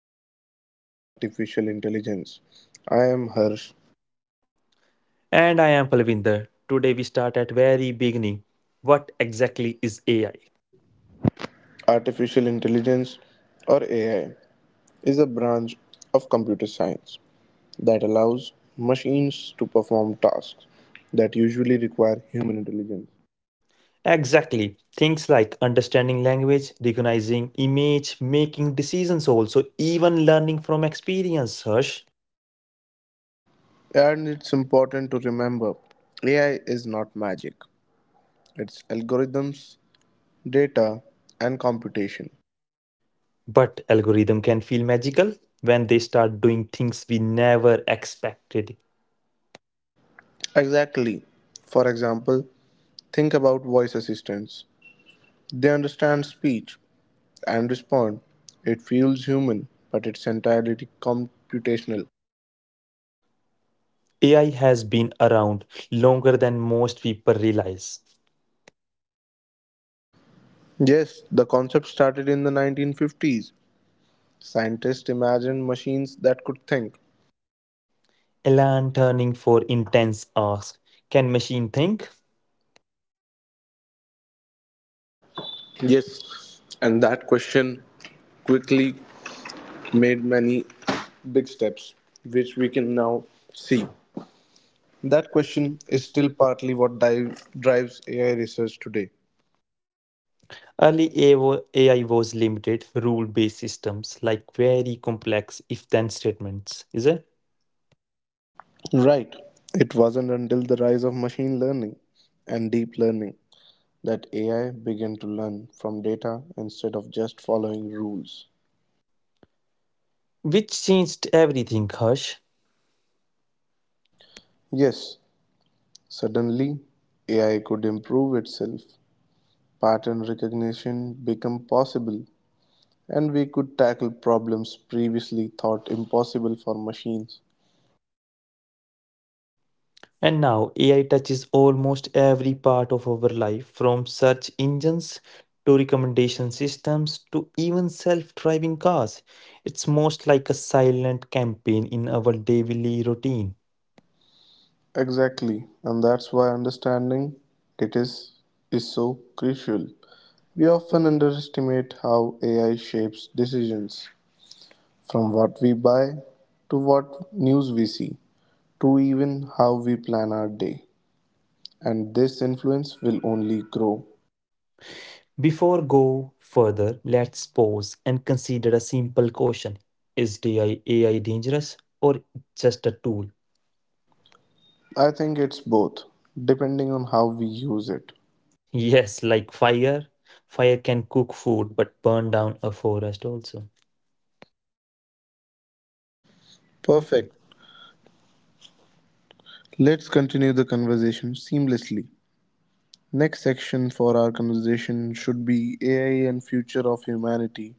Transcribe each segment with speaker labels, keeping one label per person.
Speaker 1: dive on artificial intelligence. I am Harsh.
Speaker 2: And I am Palvinder. Today we start at very beginning. What exactly is AI?
Speaker 1: Artificial intelligence, or AI, is a branch of computer science that allows machines to perform tasks that usually require human intelligence.
Speaker 2: Exactly. Things like understanding language, recognizing image, making decisions also, even learning from experience, Hush.
Speaker 1: And it's important to remember AI is not magic, it's algorithms, data, and computation.
Speaker 2: But algorithm can feel magical when they start doing things we never expected.
Speaker 1: Exactly. For example, think about voice assistants. They understand speech and respond. It feels human, but it's entirely computational.
Speaker 2: AI has been around longer than most people realize.
Speaker 1: Yes, the concept started in the 1950s. Scientists imagined machines that could think.
Speaker 2: Elan turning for intense ask, can machine think?
Speaker 1: Yes, and that question quickly made many big steps, which we can now see. That
Speaker 2: That
Speaker 1: question
Speaker 2: question
Speaker 1: is
Speaker 2: is
Speaker 1: still
Speaker 2: still.
Speaker 1: partly what drives AI research today.
Speaker 2: Early AO AI was limited, rule based systems like very complex if then statements, is it?
Speaker 1: Right. It wasn't until the rise of machine learning and deep learning that AI began to learn from data instead of just following rules.
Speaker 2: Which changed everything, Hush.
Speaker 1: Yes, suddenly AI could improve itself, pattern recognition became possible, and we could tackle problems previously thought impossible for machines.
Speaker 2: And now AI touches almost every part of our life from search engines to recommendation systems to even self driving cars. It's most like a silent campaign in our daily routine.
Speaker 1: Exactly, and that's why understanding it is so crucial. We often underestimate how AI shapes decisions, from what we buy to what news we see, to even how we plan our day, and this influence will only grow.
Speaker 2: Before go further, let's pause and consider a simple question. Is AI dangerous or just a tool?
Speaker 1: I think it's both, depending on how we use it.
Speaker 2: Yes, like fire. Fire can cook food but burn down a forest also.
Speaker 1: Perfect. Let's continue the conversation seamlessly. Next section for our conversation should be AI and future of humanity.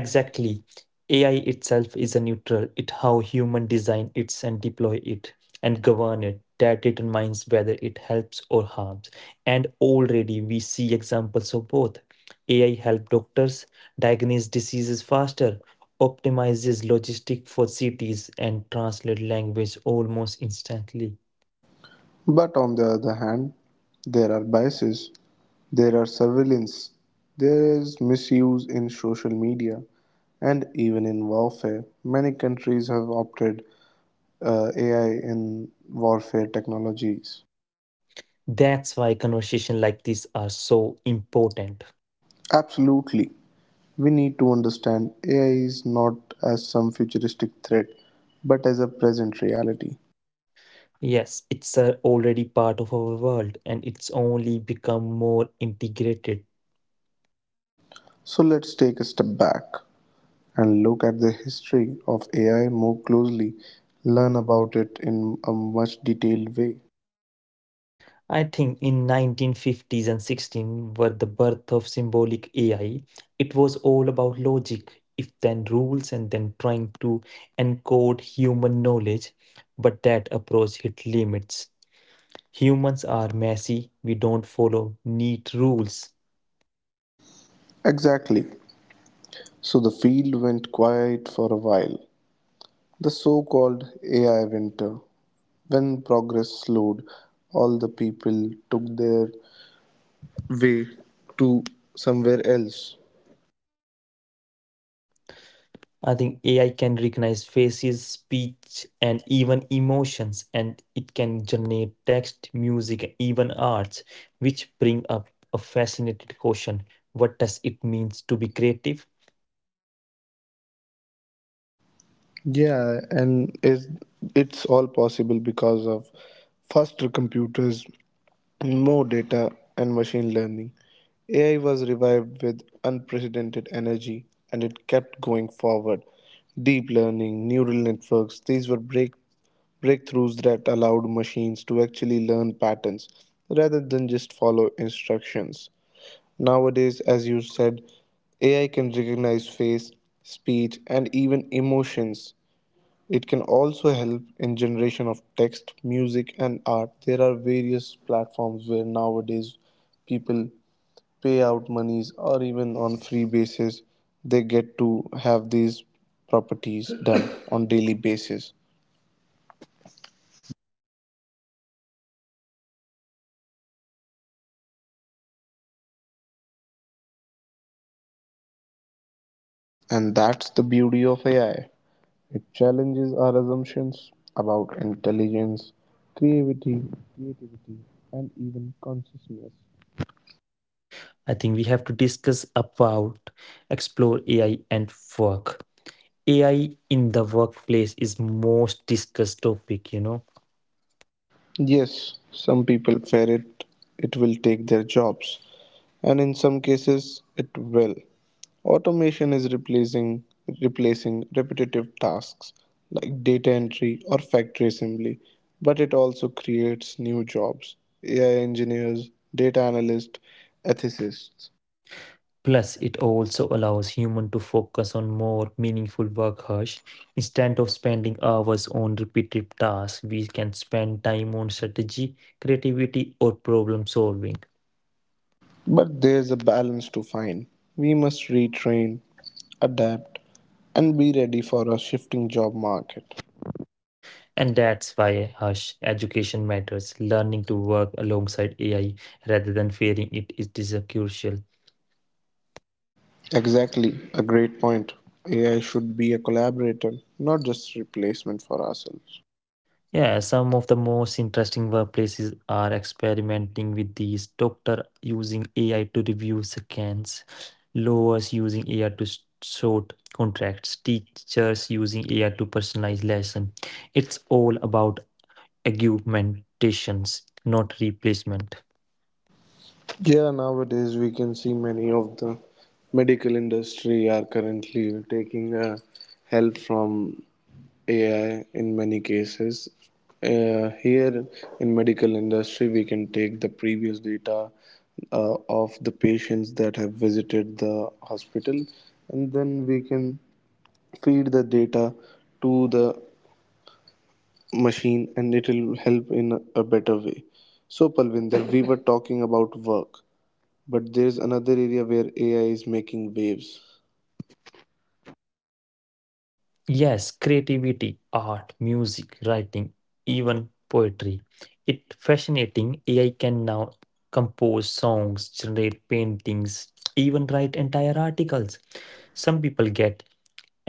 Speaker 2: Exactly. AI itself is a neutral. It how human design it and deploy it and govern it. That determines whether it helps or harms. And already we see examples of both. AI help doctors diagnose diseases faster, optimizes logistic for cities, and translate language almost instantly.
Speaker 1: But on the other hand, there are biases, there are surveillance, there is misuse in social media, and even in warfare. Many countries have opted AI in warfare technologies?
Speaker 2: That's why conversations like this are so important.
Speaker 1: Absolutely. We need to understand AI is not as some futuristic threat, but as a present reality.
Speaker 2: Yes, it's already part of our world and it's only become more integrated.
Speaker 1: So let's take a step back and look at the history of AI more closely, learn
Speaker 2: Learn
Speaker 1: about
Speaker 2: about
Speaker 1: it in a much detailed way.
Speaker 2: I think in 1950s and 16 were the birth of symbolic AI. It was all about logic, if then rules and then trying to encode human knowledge, but that approach hit limits. Humans are messy, we don't follow neat rules.
Speaker 1: Exactly. So the field went quiet for a while. The so called AI winter, when progress slowed, all the people took their way to somewhere else.
Speaker 2: I think AI can recognize faces, speech, and even emotions, and it can generate text, music, and even arts, which bring up a fascinating question. What does it means to be creative?
Speaker 1: Yeah, and is it's all possible because of faster computers, more data, and machine learning. AI was revived with unprecedented energy and it kept going forward. Deep learning, neural networks, these were breakthroughs that allowed machines to actually learn patterns rather than just follow instructions. Nowadays, as you said, AI can recognize face, speech, and even emotions. It can also help in generation of text, music, and art. There are various platforms where nowadays people pay out monies or even on free basis they get to have these properties done on daily basis, and that's the beauty of AI. It challenges our assumptions about intelligence, creativity, creativity, and even consciousness.
Speaker 2: I think we have to discuss about explore AI and work. AI in the workplace is most discussed topic.
Speaker 1: Yes, some people fear it, it will take their jobs, and in some cases, it will. Automation is replacing repetitive tasks like data entry or factory assembly, but it also creates new jobs: AI engineers, data analysts, ethicists.
Speaker 2: Plus, it also allows human to focus on more meaningful work Hush. Instead of spending hours on repetitive tasks, we can spend time on strategy, creativity, or problem solving.
Speaker 1: But there's a balance to find. We must retrain, adapt, and be ready for a shifting job market.
Speaker 2: And that's why hush education matters. Learning to work alongside AI rather than fearing it is crucial.
Speaker 1: Exactly, a great point. AI should be a collaborator, not just replacement for ourselves.
Speaker 2: Yeah, some of the most interesting workplaces are experimenting with these. Doctor using AI to review scans, lawyers using AI to sort contracts, teachers using AI to personalize lesson. It's all about augmentations, not replacement.
Speaker 1: Yeah, nowadays we can see many of the medical industry are currently taking help from AI in many cases. Here in medical industry, we can take the previous data of the patients that have visited the hospital, and then we can feed the data to the machine, and it will help in a better way. So, Palvinder, we were talking about work, but there is another area where AI is making waves.
Speaker 2: Yes, creativity, art, music, writing, even poetry. It fascinating AI can now compose songs, generate paintings, even write entire articles. Some people get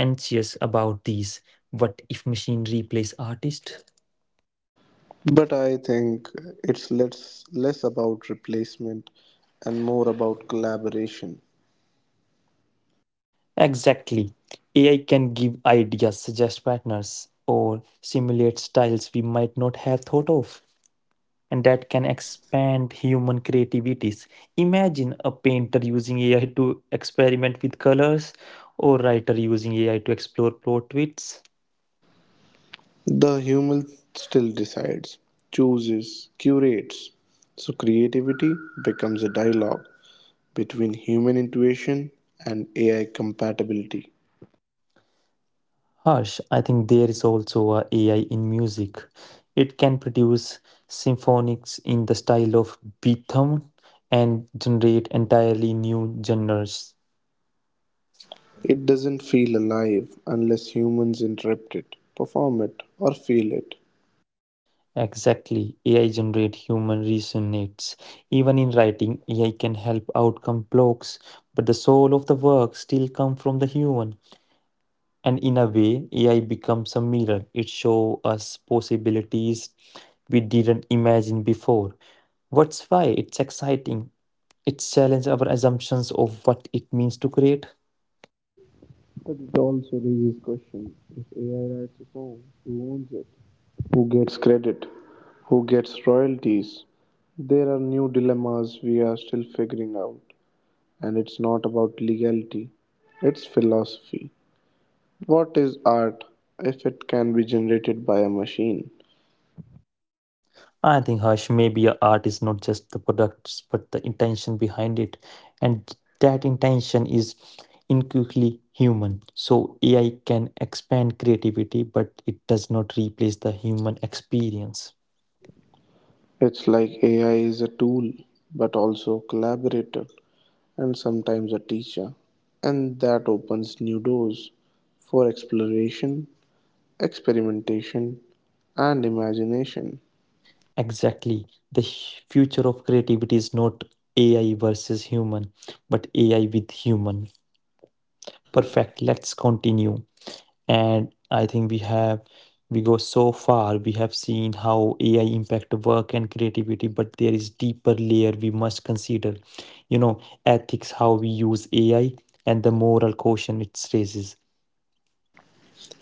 Speaker 2: anxious about these. What if machine replace artist?
Speaker 1: But I think it's less about replacement and more about collaboration.
Speaker 2: Exactly. AI can give ideas, suggest partners, or simulate styles we might not have thought of, and that can expand human creativities. Imagine a painter using AI to experiment with colors or writer using AI to explore plot twists.
Speaker 1: The human still decides, chooses, curates. So creativity becomes a dialogue between human intuition and AI compatibility.
Speaker 2: Harsh, I think there is also a AI in music. It can produce symphonics in the style of Beethoven and generate entirely new genres.
Speaker 1: It doesn't feel alive unless humans interrupt it, perform it, or feel it.
Speaker 2: Exactly. AI generate human reasonates. Even in writing, AI can help outcome blocks, but the soul of the work still come from the human. And in a way, AI becomes a mirror. It show us possibilities we didn't imagine before. What's why it's exciting. It challenges our assumptions of what it means to create.
Speaker 1: But it also raises questions. If AI writes a song, who owns it? Who gets credit? Who gets royalties? There are new dilemmas we are still figuring out, and it's not about legality, it's philosophy. What is art if it can be generated by a machine?
Speaker 2: I think, Harsh, maybe a art is not just the products, but the intention behind it. And that intention is inquiry human. So AI can expand creativity, but it does not replace the human experience.
Speaker 1: It's like AI is a tool, but also a collaborator and sometimes a teacher, and that opens new doors for exploration, experimentation, and imagination.
Speaker 2: Exactly. The future of creativity is not AI versus human, but AI with human. Perfect. Let's continue. And I think we go so far, we have seen how ai impact work and creativity, but there is deeper layer we must consider, you know, ethics, how we use ai and the moral question it raises.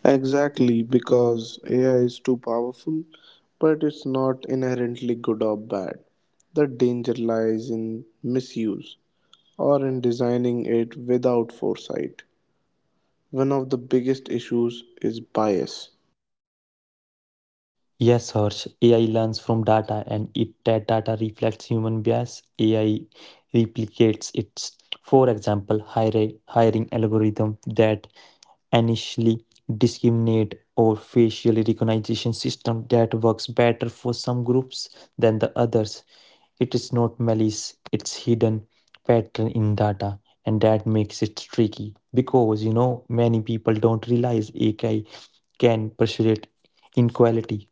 Speaker 1: Exactly,
Speaker 2: Exactly,
Speaker 1: because
Speaker 2: because
Speaker 1: AI
Speaker 2: AI
Speaker 1: is
Speaker 2: is
Speaker 1: too powerful, but it's not inherently good or bad. The danger lies in misuse or in designing it without foresight. One
Speaker 2: one
Speaker 1: of
Speaker 2: of
Speaker 1: the
Speaker 2: the
Speaker 1: biggest
Speaker 2: biggest.
Speaker 1: issues is bias.
Speaker 2: Yes, Harsh, AI learns from data, and if that data reflects human bias, AI replicates it. For example, hiring algorithm that initially discriminate or facial recognition system that works better for some groups than the others. It is not malice, it's hidden pattern in data, and that makes it tricky, because you know many people don't realize AI can persuade inequality.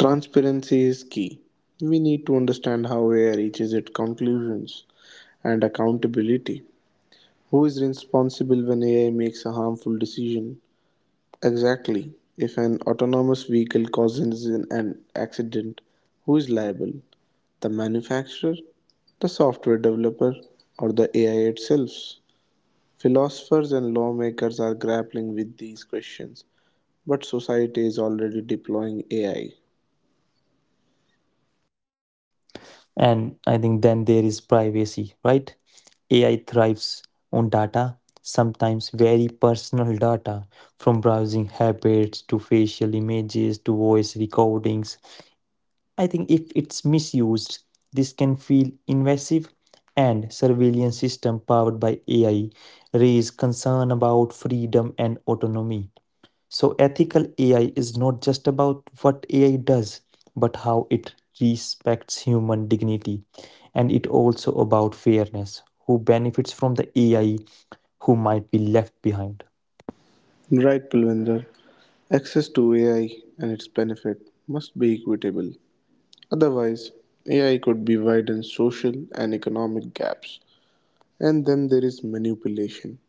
Speaker 1: Transparency is key. We need to understand how AI reaches its conclusions and accountability. Who is responsible when AI makes a harmful decision? Exactly. If an autonomous vehicle causes an accident, who is liable? The manufacturer, the software developer, or the AI itself? Philosophers and lawmakers are grappling with these questions, but society is already deploying AI.
Speaker 2: And I think then there is privacy, right? AI thrives on data, sometimes very personal data, from browsing habits to facial images to voice recordings. I think if it's misused, this can feel invasive, and surveillance system powered by AI raise concern about freedom and autonomy. So, ethical AI is not just about what AI does, but how it respects human dignity. And it also about fairness. Who benefits from the AI, who might be left behind.
Speaker 1: Right, Pulvinder. Access to AI and its benefit must be equitable. Otherwise, AI could be widen social and economic gaps. And then there is manipulation.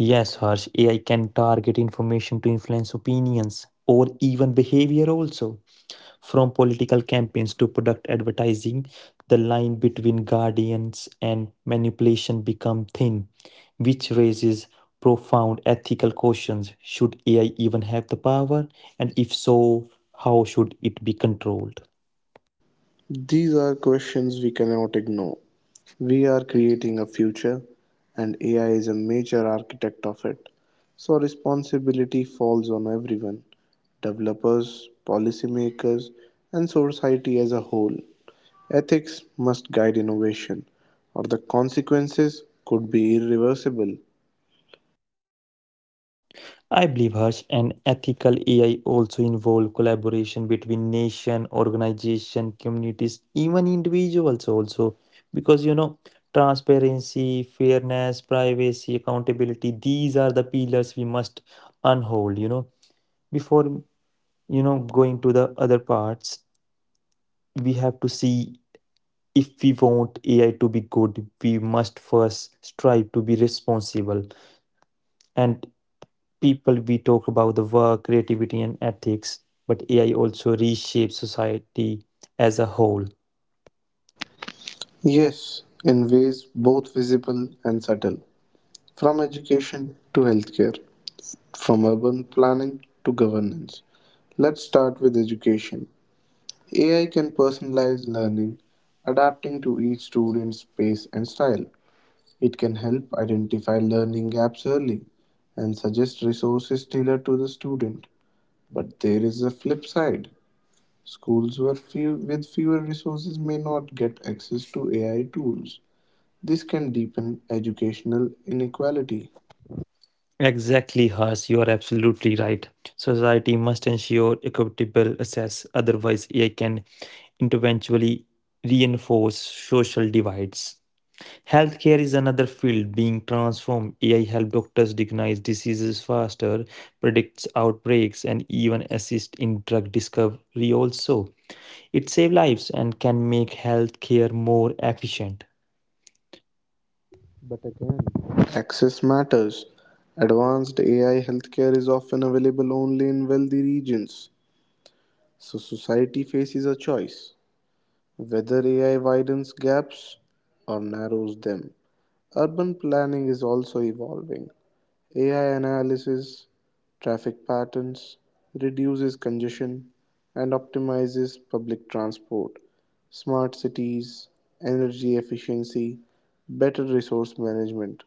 Speaker 2: Yes, Harsh, AI can target information to influence opinions or even behavior also. From political campaigns to product advertising, the line between guardians and manipulation become thin, which raises profound ethical questions. Should AI even have the power? And if so, how should it be controlled?
Speaker 1: These are questions we cannot ignore. We are creating a future, and AI is a major architect of it. So, responsibility falls on everyone, developers, policymakers, and society as a whole. Ethics must guide innovation, or the consequences could be irreversible.
Speaker 2: I believe Harsh an ethical AI also involve collaboration between nation, organization, communities, even individuals also. Because you know, transparency, fairness, privacy, accountability, these are the pillars we must unhold, you know. Before you know going to the other parts, we have to see if we want AI to be good, we must first strive to be responsible. And people, we talk about the work creativity and ethics, but ai also reshapes society as a whole. Yes,
Speaker 1: Yes,
Speaker 2: in
Speaker 1: in
Speaker 2: ways
Speaker 1: ways
Speaker 2: both
Speaker 1: both visible
Speaker 2: visible
Speaker 1: and
Speaker 2: and
Speaker 1: subtle,
Speaker 2: subtle, from
Speaker 1: from
Speaker 2: education
Speaker 1: education to
Speaker 2: to healthcare,
Speaker 1: healthcare,
Speaker 2: from
Speaker 1: from urban
Speaker 2: urban
Speaker 1: planning
Speaker 2: planning to
Speaker 1: to
Speaker 2: governance.
Speaker 1: governance. Let's
Speaker 2: Let's
Speaker 1: start
Speaker 2: start
Speaker 1: with
Speaker 2: with
Speaker 1: education.
Speaker 2: education.
Speaker 1: AI
Speaker 2: AI can
Speaker 1: can
Speaker 2: personalize
Speaker 1: personalize
Speaker 2: learning,
Speaker 1: learning,
Speaker 2: adapting
Speaker 1: adapting
Speaker 2: to
Speaker 1: to
Speaker 2: each
Speaker 1: each
Speaker 2: student's
Speaker 1: student's
Speaker 2: pace
Speaker 1: pace and
Speaker 2: and
Speaker 1: style.
Speaker 2: style. It
Speaker 1: It can
Speaker 2: can
Speaker 1: help
Speaker 2: help
Speaker 1: identify
Speaker 2: identify
Speaker 1: learning
Speaker 2: learning gaps
Speaker 1: gaps
Speaker 2: early
Speaker 1: early and
Speaker 2: and
Speaker 1: suggest
Speaker 2: suggest
Speaker 1: resources
Speaker 2: resources
Speaker 1: tailored
Speaker 2: tailored to
Speaker 1: to the
Speaker 2: the student.
Speaker 1: student. But
Speaker 2: But there
Speaker 1: there
Speaker 2: is
Speaker 1: is
Speaker 2: a
Speaker 1: a
Speaker 2: flip
Speaker 1: flip
Speaker 2: side.
Speaker 1: side.
Speaker 2: Schools
Speaker 1: Schools were
Speaker 2: were
Speaker 1: few,
Speaker 2: few,
Speaker 1: with
Speaker 2: with fewer
Speaker 1: fewer
Speaker 2: resources
Speaker 1: resources
Speaker 2: may
Speaker 1: may
Speaker 2: not
Speaker 1: not get
Speaker 2: get
Speaker 1: access
Speaker 2: access
Speaker 1: to
Speaker 2: to
Speaker 1: AI
Speaker 2: AI tools.
Speaker 1: tools. This
Speaker 2: This
Speaker 1: can
Speaker 2: can deepen
Speaker 1: deepen
Speaker 2: educational
Speaker 1: educational
Speaker 2: inequality.
Speaker 1: inequality.
Speaker 2: Exactly, Harsh. You are absolutely right. Society must ensure equitable access, otherwise, AI can eventually reinforce social divides. Healthcare is another field being transformed. AI helps doctors recognize diseases faster, predicts outbreaks, and even assist in drug discovery also. It saves lives and can make healthcare more efficient.
Speaker 1: Access matters. Advanced AI healthcare is often available only in wealthy regions. So society faces a choice whether AI widens gaps or narrows them. Urban planning is also evolving. AI analysis traffic patterns, reduces congestion, and optimizes public transport. Smart cities, energy efficiency, better resource management.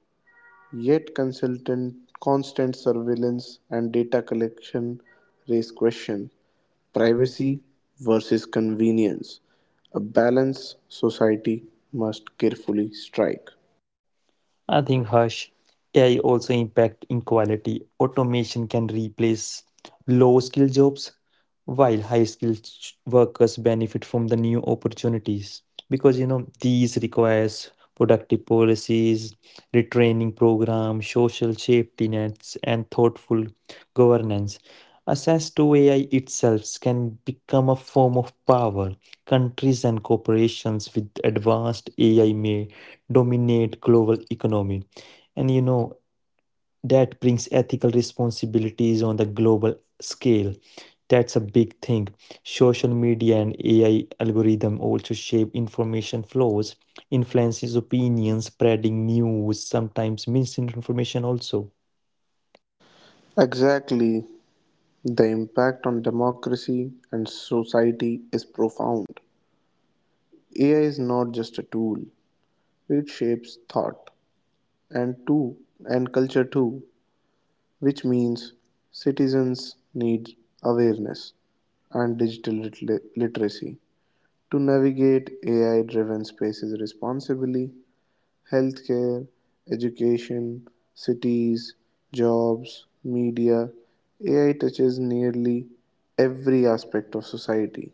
Speaker 1: Yet consultant constant surveillance and data collection raise questions.
Speaker 2: Privacy.
Speaker 1: Privacy versus convenience, a balance society must carefully strike.
Speaker 2: I think Harsh, AI also impact inequality. Automation can replace low skill jobs while high skilled workers benefit from the new opportunities, because you know these requires productive policies, retraining programs, social safety nets, and thoughtful governance. Access to ai itself can become a form of power. Countries and corporations with advanced ai may dominate global economy, and you know that brings ethical responsibilities on the global scale. That's a big thing. Social media and ai algorithm also shape information flows, influences opinions, spreading news, sometimes misinformation also.
Speaker 1: Exactly, the impact on democracy and society is profound. AI is not just a tool, it shapes thought and too and culture too, which means citizens need awareness and digital literacy to navigate AI driven spaces responsibly. Healthcare, education, cities, jobs, media. AI touches nearly every aspect of society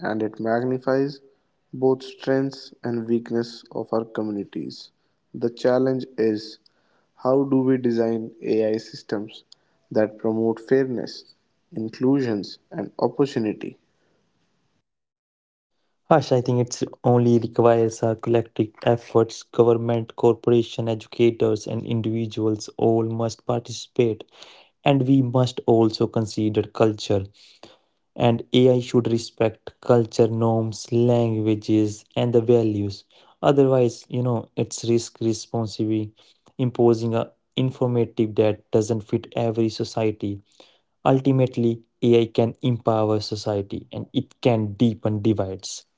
Speaker 1: and it magnifies both strengths and weakness of our communities. The challenge is, how do we design AI systems that promote fairness, inclusions and opportunity?
Speaker 2: Hush, I think it's only requires our collective efforts. Government, corporation, educators, and individuals all must participate. And we must also consider culture. And AI should respect culture, norms, languages, and the values. Otherwise, you know, it's risk responsibly imposing a informative that doesn't fit every society. Ultimately, AI can empower society and it can deepen divides.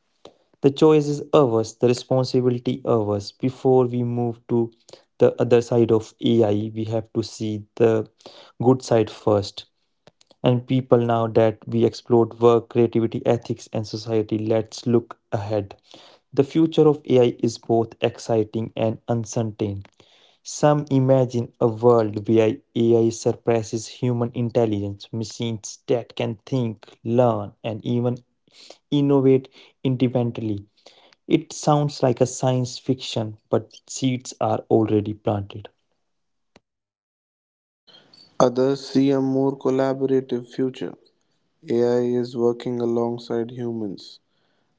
Speaker 2: The choice is ours, the responsibility ours. Before we move to the other side of AI, we have to see the good side first. And people, now that we explored work, creativity, ethics, and society, let's look ahead. The future of AI is both exciting and uncertain. Some imagine a world where AI surpasses human intelligence, machines that can think, learn, and even innovate independently. It sounds like a science fiction, but seeds are already planted.
Speaker 1: Others see a more collaborative future. AI is working alongside humans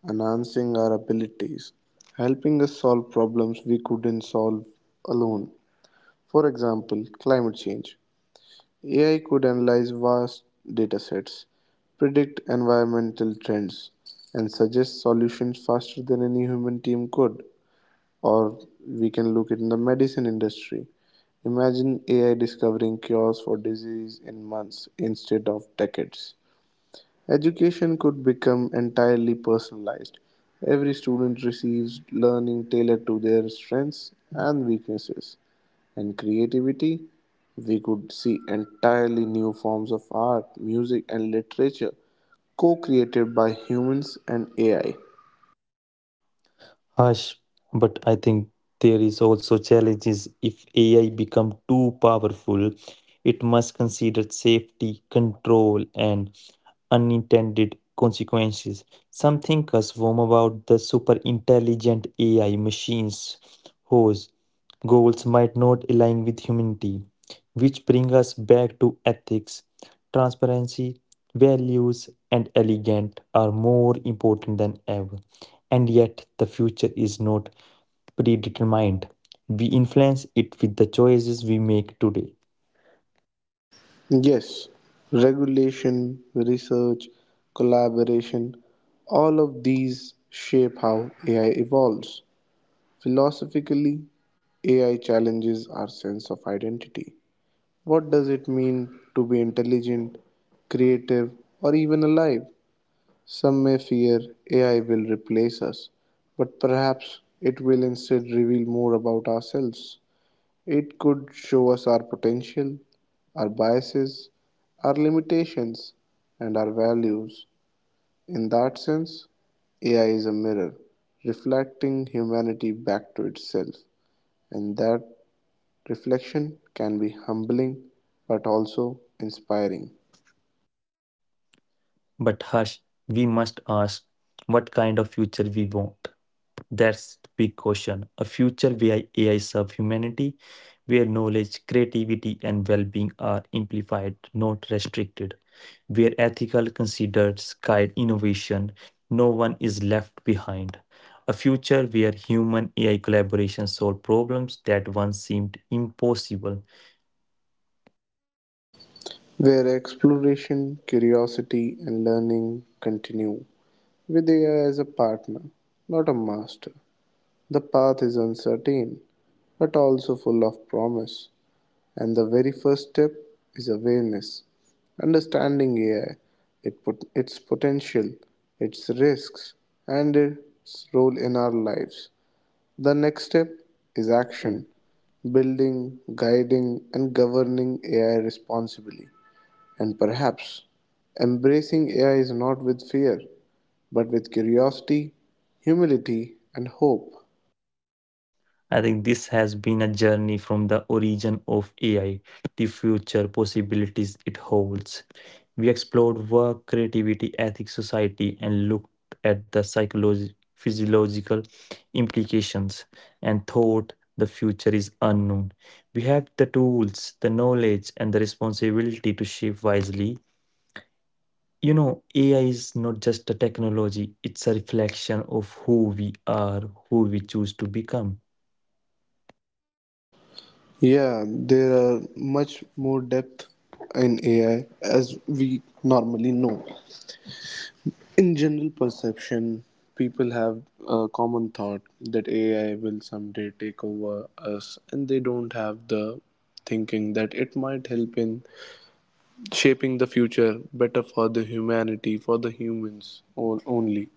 Speaker 1: enhancing our abilities, helping us solve problems we couldn't solve alone. For example, climate change. AI could analyze vast datasets, predict environmental trends, and suggest solutions faster than any human team could. Or we can look at the medicine industry. Imagine AI discovering cures for disease in months instead of decades. Education could become entirely personalized. Every student receives learning tailored to their strengths and weaknesses. And creativity, we could see entirely new forms of art, music, and literature co created by humans and AI.
Speaker 2: Harsh, but I think there is also challenges if AI become too powerful. It must consider safety, control, and unintended consequences. Some thinkers warn about the super intelligent AI machines whose goals might not align with humanity, which bring us back to ethics, transparency, values, and elegant are more important than ever. And yet, the future is not predetermined. We influence it with the choices we make today.
Speaker 1: Yes, regulation, research, collaboration, all of these shape how AI evolves. Philosophically, AI challenges our sense of identity. What does it mean to be intelligent, creative, or even alive? Some may fear AI will replace us, but perhaps it will instead reveal more about ourselves. It could show us our potential, our biases, our limitations, and our values. In that sense, AI is a mirror reflecting humanity back to itself, and that reflection can be humbling but also inspiring,
Speaker 2: But hush, we must ask what kind of future we want. That's the big question. A future where AI serves humanity, where knowledge, creativity, and well being are amplified, not restricted, where ethical considers guide innovation, no one is left behind. A future where human AI collaboration solve problems that once seemed impossible.
Speaker 1: where exploration, curiosity, and learning continue with AI as a partner, not a master. The path is uncertain but also full of promise, and the very first step is awareness. Understanding AI, its potential, its risks, and its role in our lives. The next step is action,
Speaker 2: Action.
Speaker 1: building, guiding, and governing AI responsibly. And perhaps embracing AI is not with fear, but with curiosity, humility, and hope.
Speaker 2: I think this has been a journey from the origin of AI to future possibilities it holds. We explored work, creativity, ethics, society, and looked at the psychological, physiological implications and thought the future is unknown. We have the tools, the knowledge, and the responsibility to shape wisely. You know, AI is not just a technology, it's a reflection of who we are, who we choose to become.
Speaker 1: Yeah, there are much more depth in AI as we normally know. In general perception, people have a common thought that AI will someday take over us, and they don't have the thinking that it might help in shaping the future better for the humanity, for the humans only.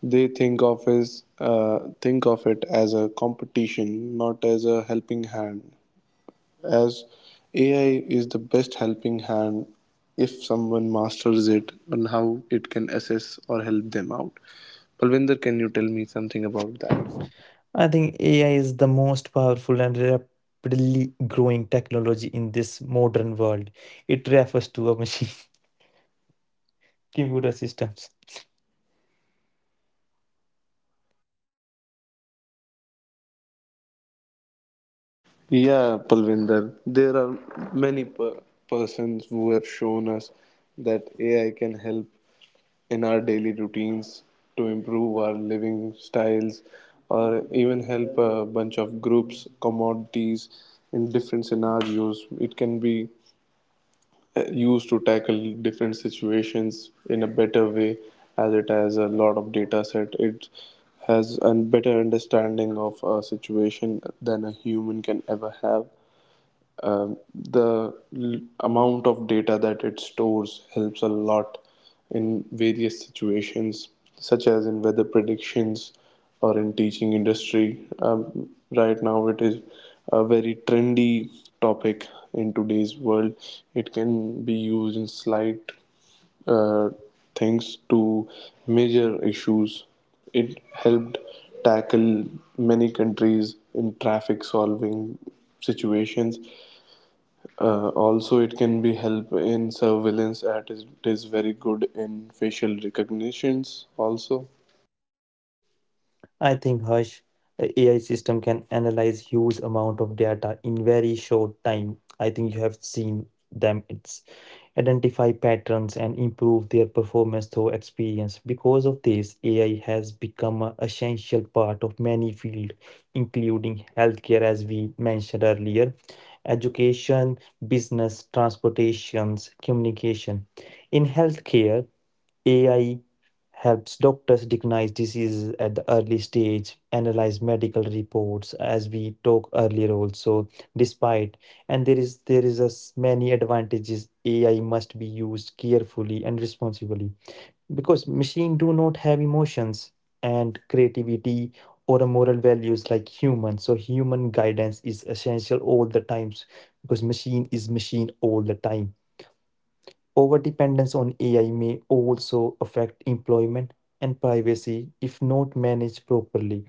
Speaker 1: They think of as think of it as a competition, not as a helping hand. As AI is the best helping hand if someone masters it on how it can assess or help them out. Palvinder, can you tell me something about that?
Speaker 2: I think AI is the most powerful and rapidly growing technology in this modern world. It refers to a machine, computer systems.
Speaker 1: Yeah, Palvinder, there are many per- persons who have shown us that AI can help in our daily routines to improve our living styles or even help a bunch of groups, commodities in different scenarios. It can be used to tackle different situations in a better way, as it has a lot of data set. It has a better understanding of a situation than a human can ever have. The amount of data that it stores helps a lot in various situations, such as in weather predictions or in teaching industry. Right now it is a very trendy topic in today's world. It can be used in slight uh, things to major issues. It helped tackle many countries in traffic solving situations. Also, it can be help in surveillance. It is very good in facial recognitions. Also,
Speaker 2: I think Hush a AI system can analyze huge amount of data in very short time. I think you have seen them. It's identify patterns and improve their performance through experience. Because of this, AI has become an essential part of many fields, including healthcare, as we mentioned earlier, education, business, transportations, communication. In healthcare, AI helps doctors recognize diseases at the early stage, analyze medical reports, as we talked earlier also, despite, and there is as many advantages AI must be used carefully and responsibly, because machine do not have emotions and creativity or a moral values like human, so human guidance is essential all the times, because machine is machine all the time. Overdependence on AI may also affect employment and privacy if not managed properly.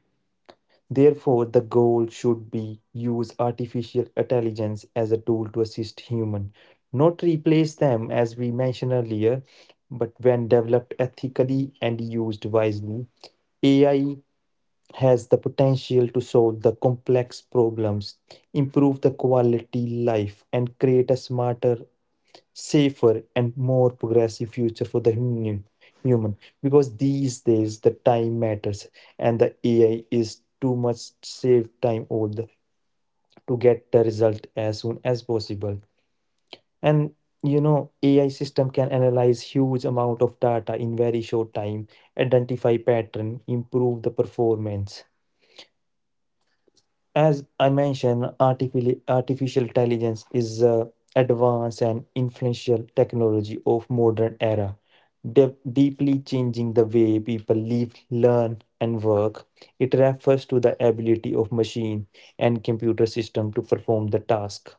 Speaker 2: Therefore, the goal should be use artificial intelligence as a tool to assist human, not replace them as we mentioned earlier, but when developed ethically and used wisely, AI has the potential to solve the complex problems, improve the quality life and create a smarter, safer, and more progressive future for the human, because these days the time matters, and the ai is too much save time old to get the result as soon as possible. And you know ai system can analyze huge amount of data in very short time, identify pattern, improve the performance. As I mentioned, artificial intelligence is a advanced and influential technology of modern era, deeply changing the way people live, learn, and work. It refers to the ability of machine and computer system to perform the task.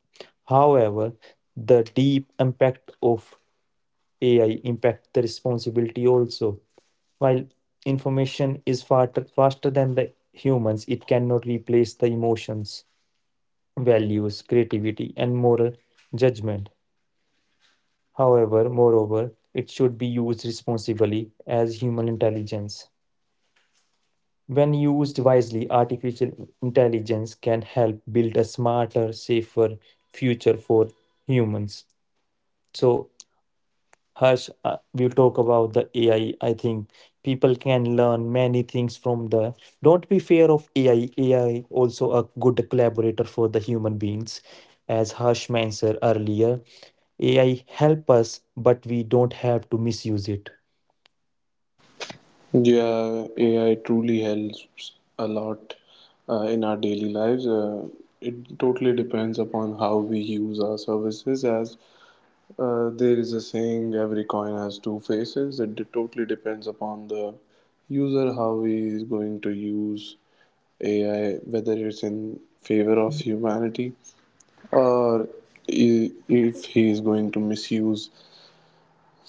Speaker 2: However, the deep impact of AI impact the responsibility also. While information is faster than the humans, it cannot replace the emotions, values, creativity, and moral judgment. However, moreover, it should be used responsibly as human intelligence. When used wisely, artificial intelligence can help build a smarter, safer future for humans. So, Harsh, we talk about the AI. I think people can learn many things from the. Don't be fear of AI. AI also a good collaborator for the human beings, as Harsh mentioned earlier. AI help us, but we don't have to misuse it.
Speaker 1: yeah, AI truly helps a lot in our daily lives. It totally depends upon how we use our services. As there is a saying, every coin has two faces. It totally depends upon the user how he is going to use AI, whether it's in favor of humanity or i- if he is going to misuse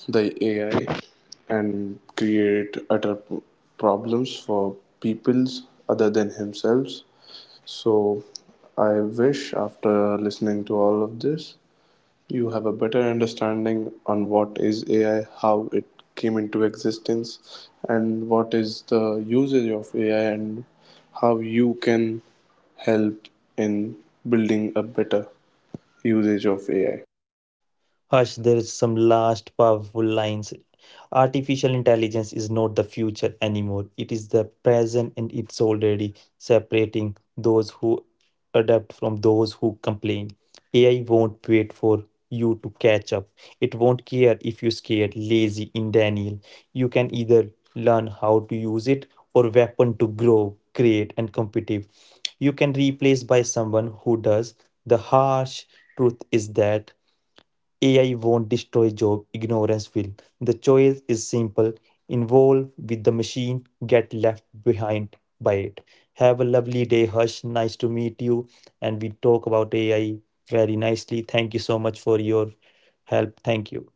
Speaker 1: the AI and create utter problems for peoples other than himself. So I wish after listening to all of this, you have a better understanding on what is AI, how it came into existence, and what is the usage of AI, and how you can help in building a better usage of AI.
Speaker 2: Hush, there is some last powerful lines. Artificial intelligence is not the future anymore. It is the present and it's already separating those who adapt from those who complain. AI won't wait for you to catch up. It won't care if you're scared, lazy, in Daniel. You can either learn how to use it or weapon to grow, create, and competitive. You can replace by someone who does. The harsh truth is that AI won't destroy job, ignorance will. The choice is simple. Involve with the machine, get left behind by it. Have a lovely day, Hush. Nice to meet you. And we talk about AI very nicely. Thank you so much for your help. Thank you.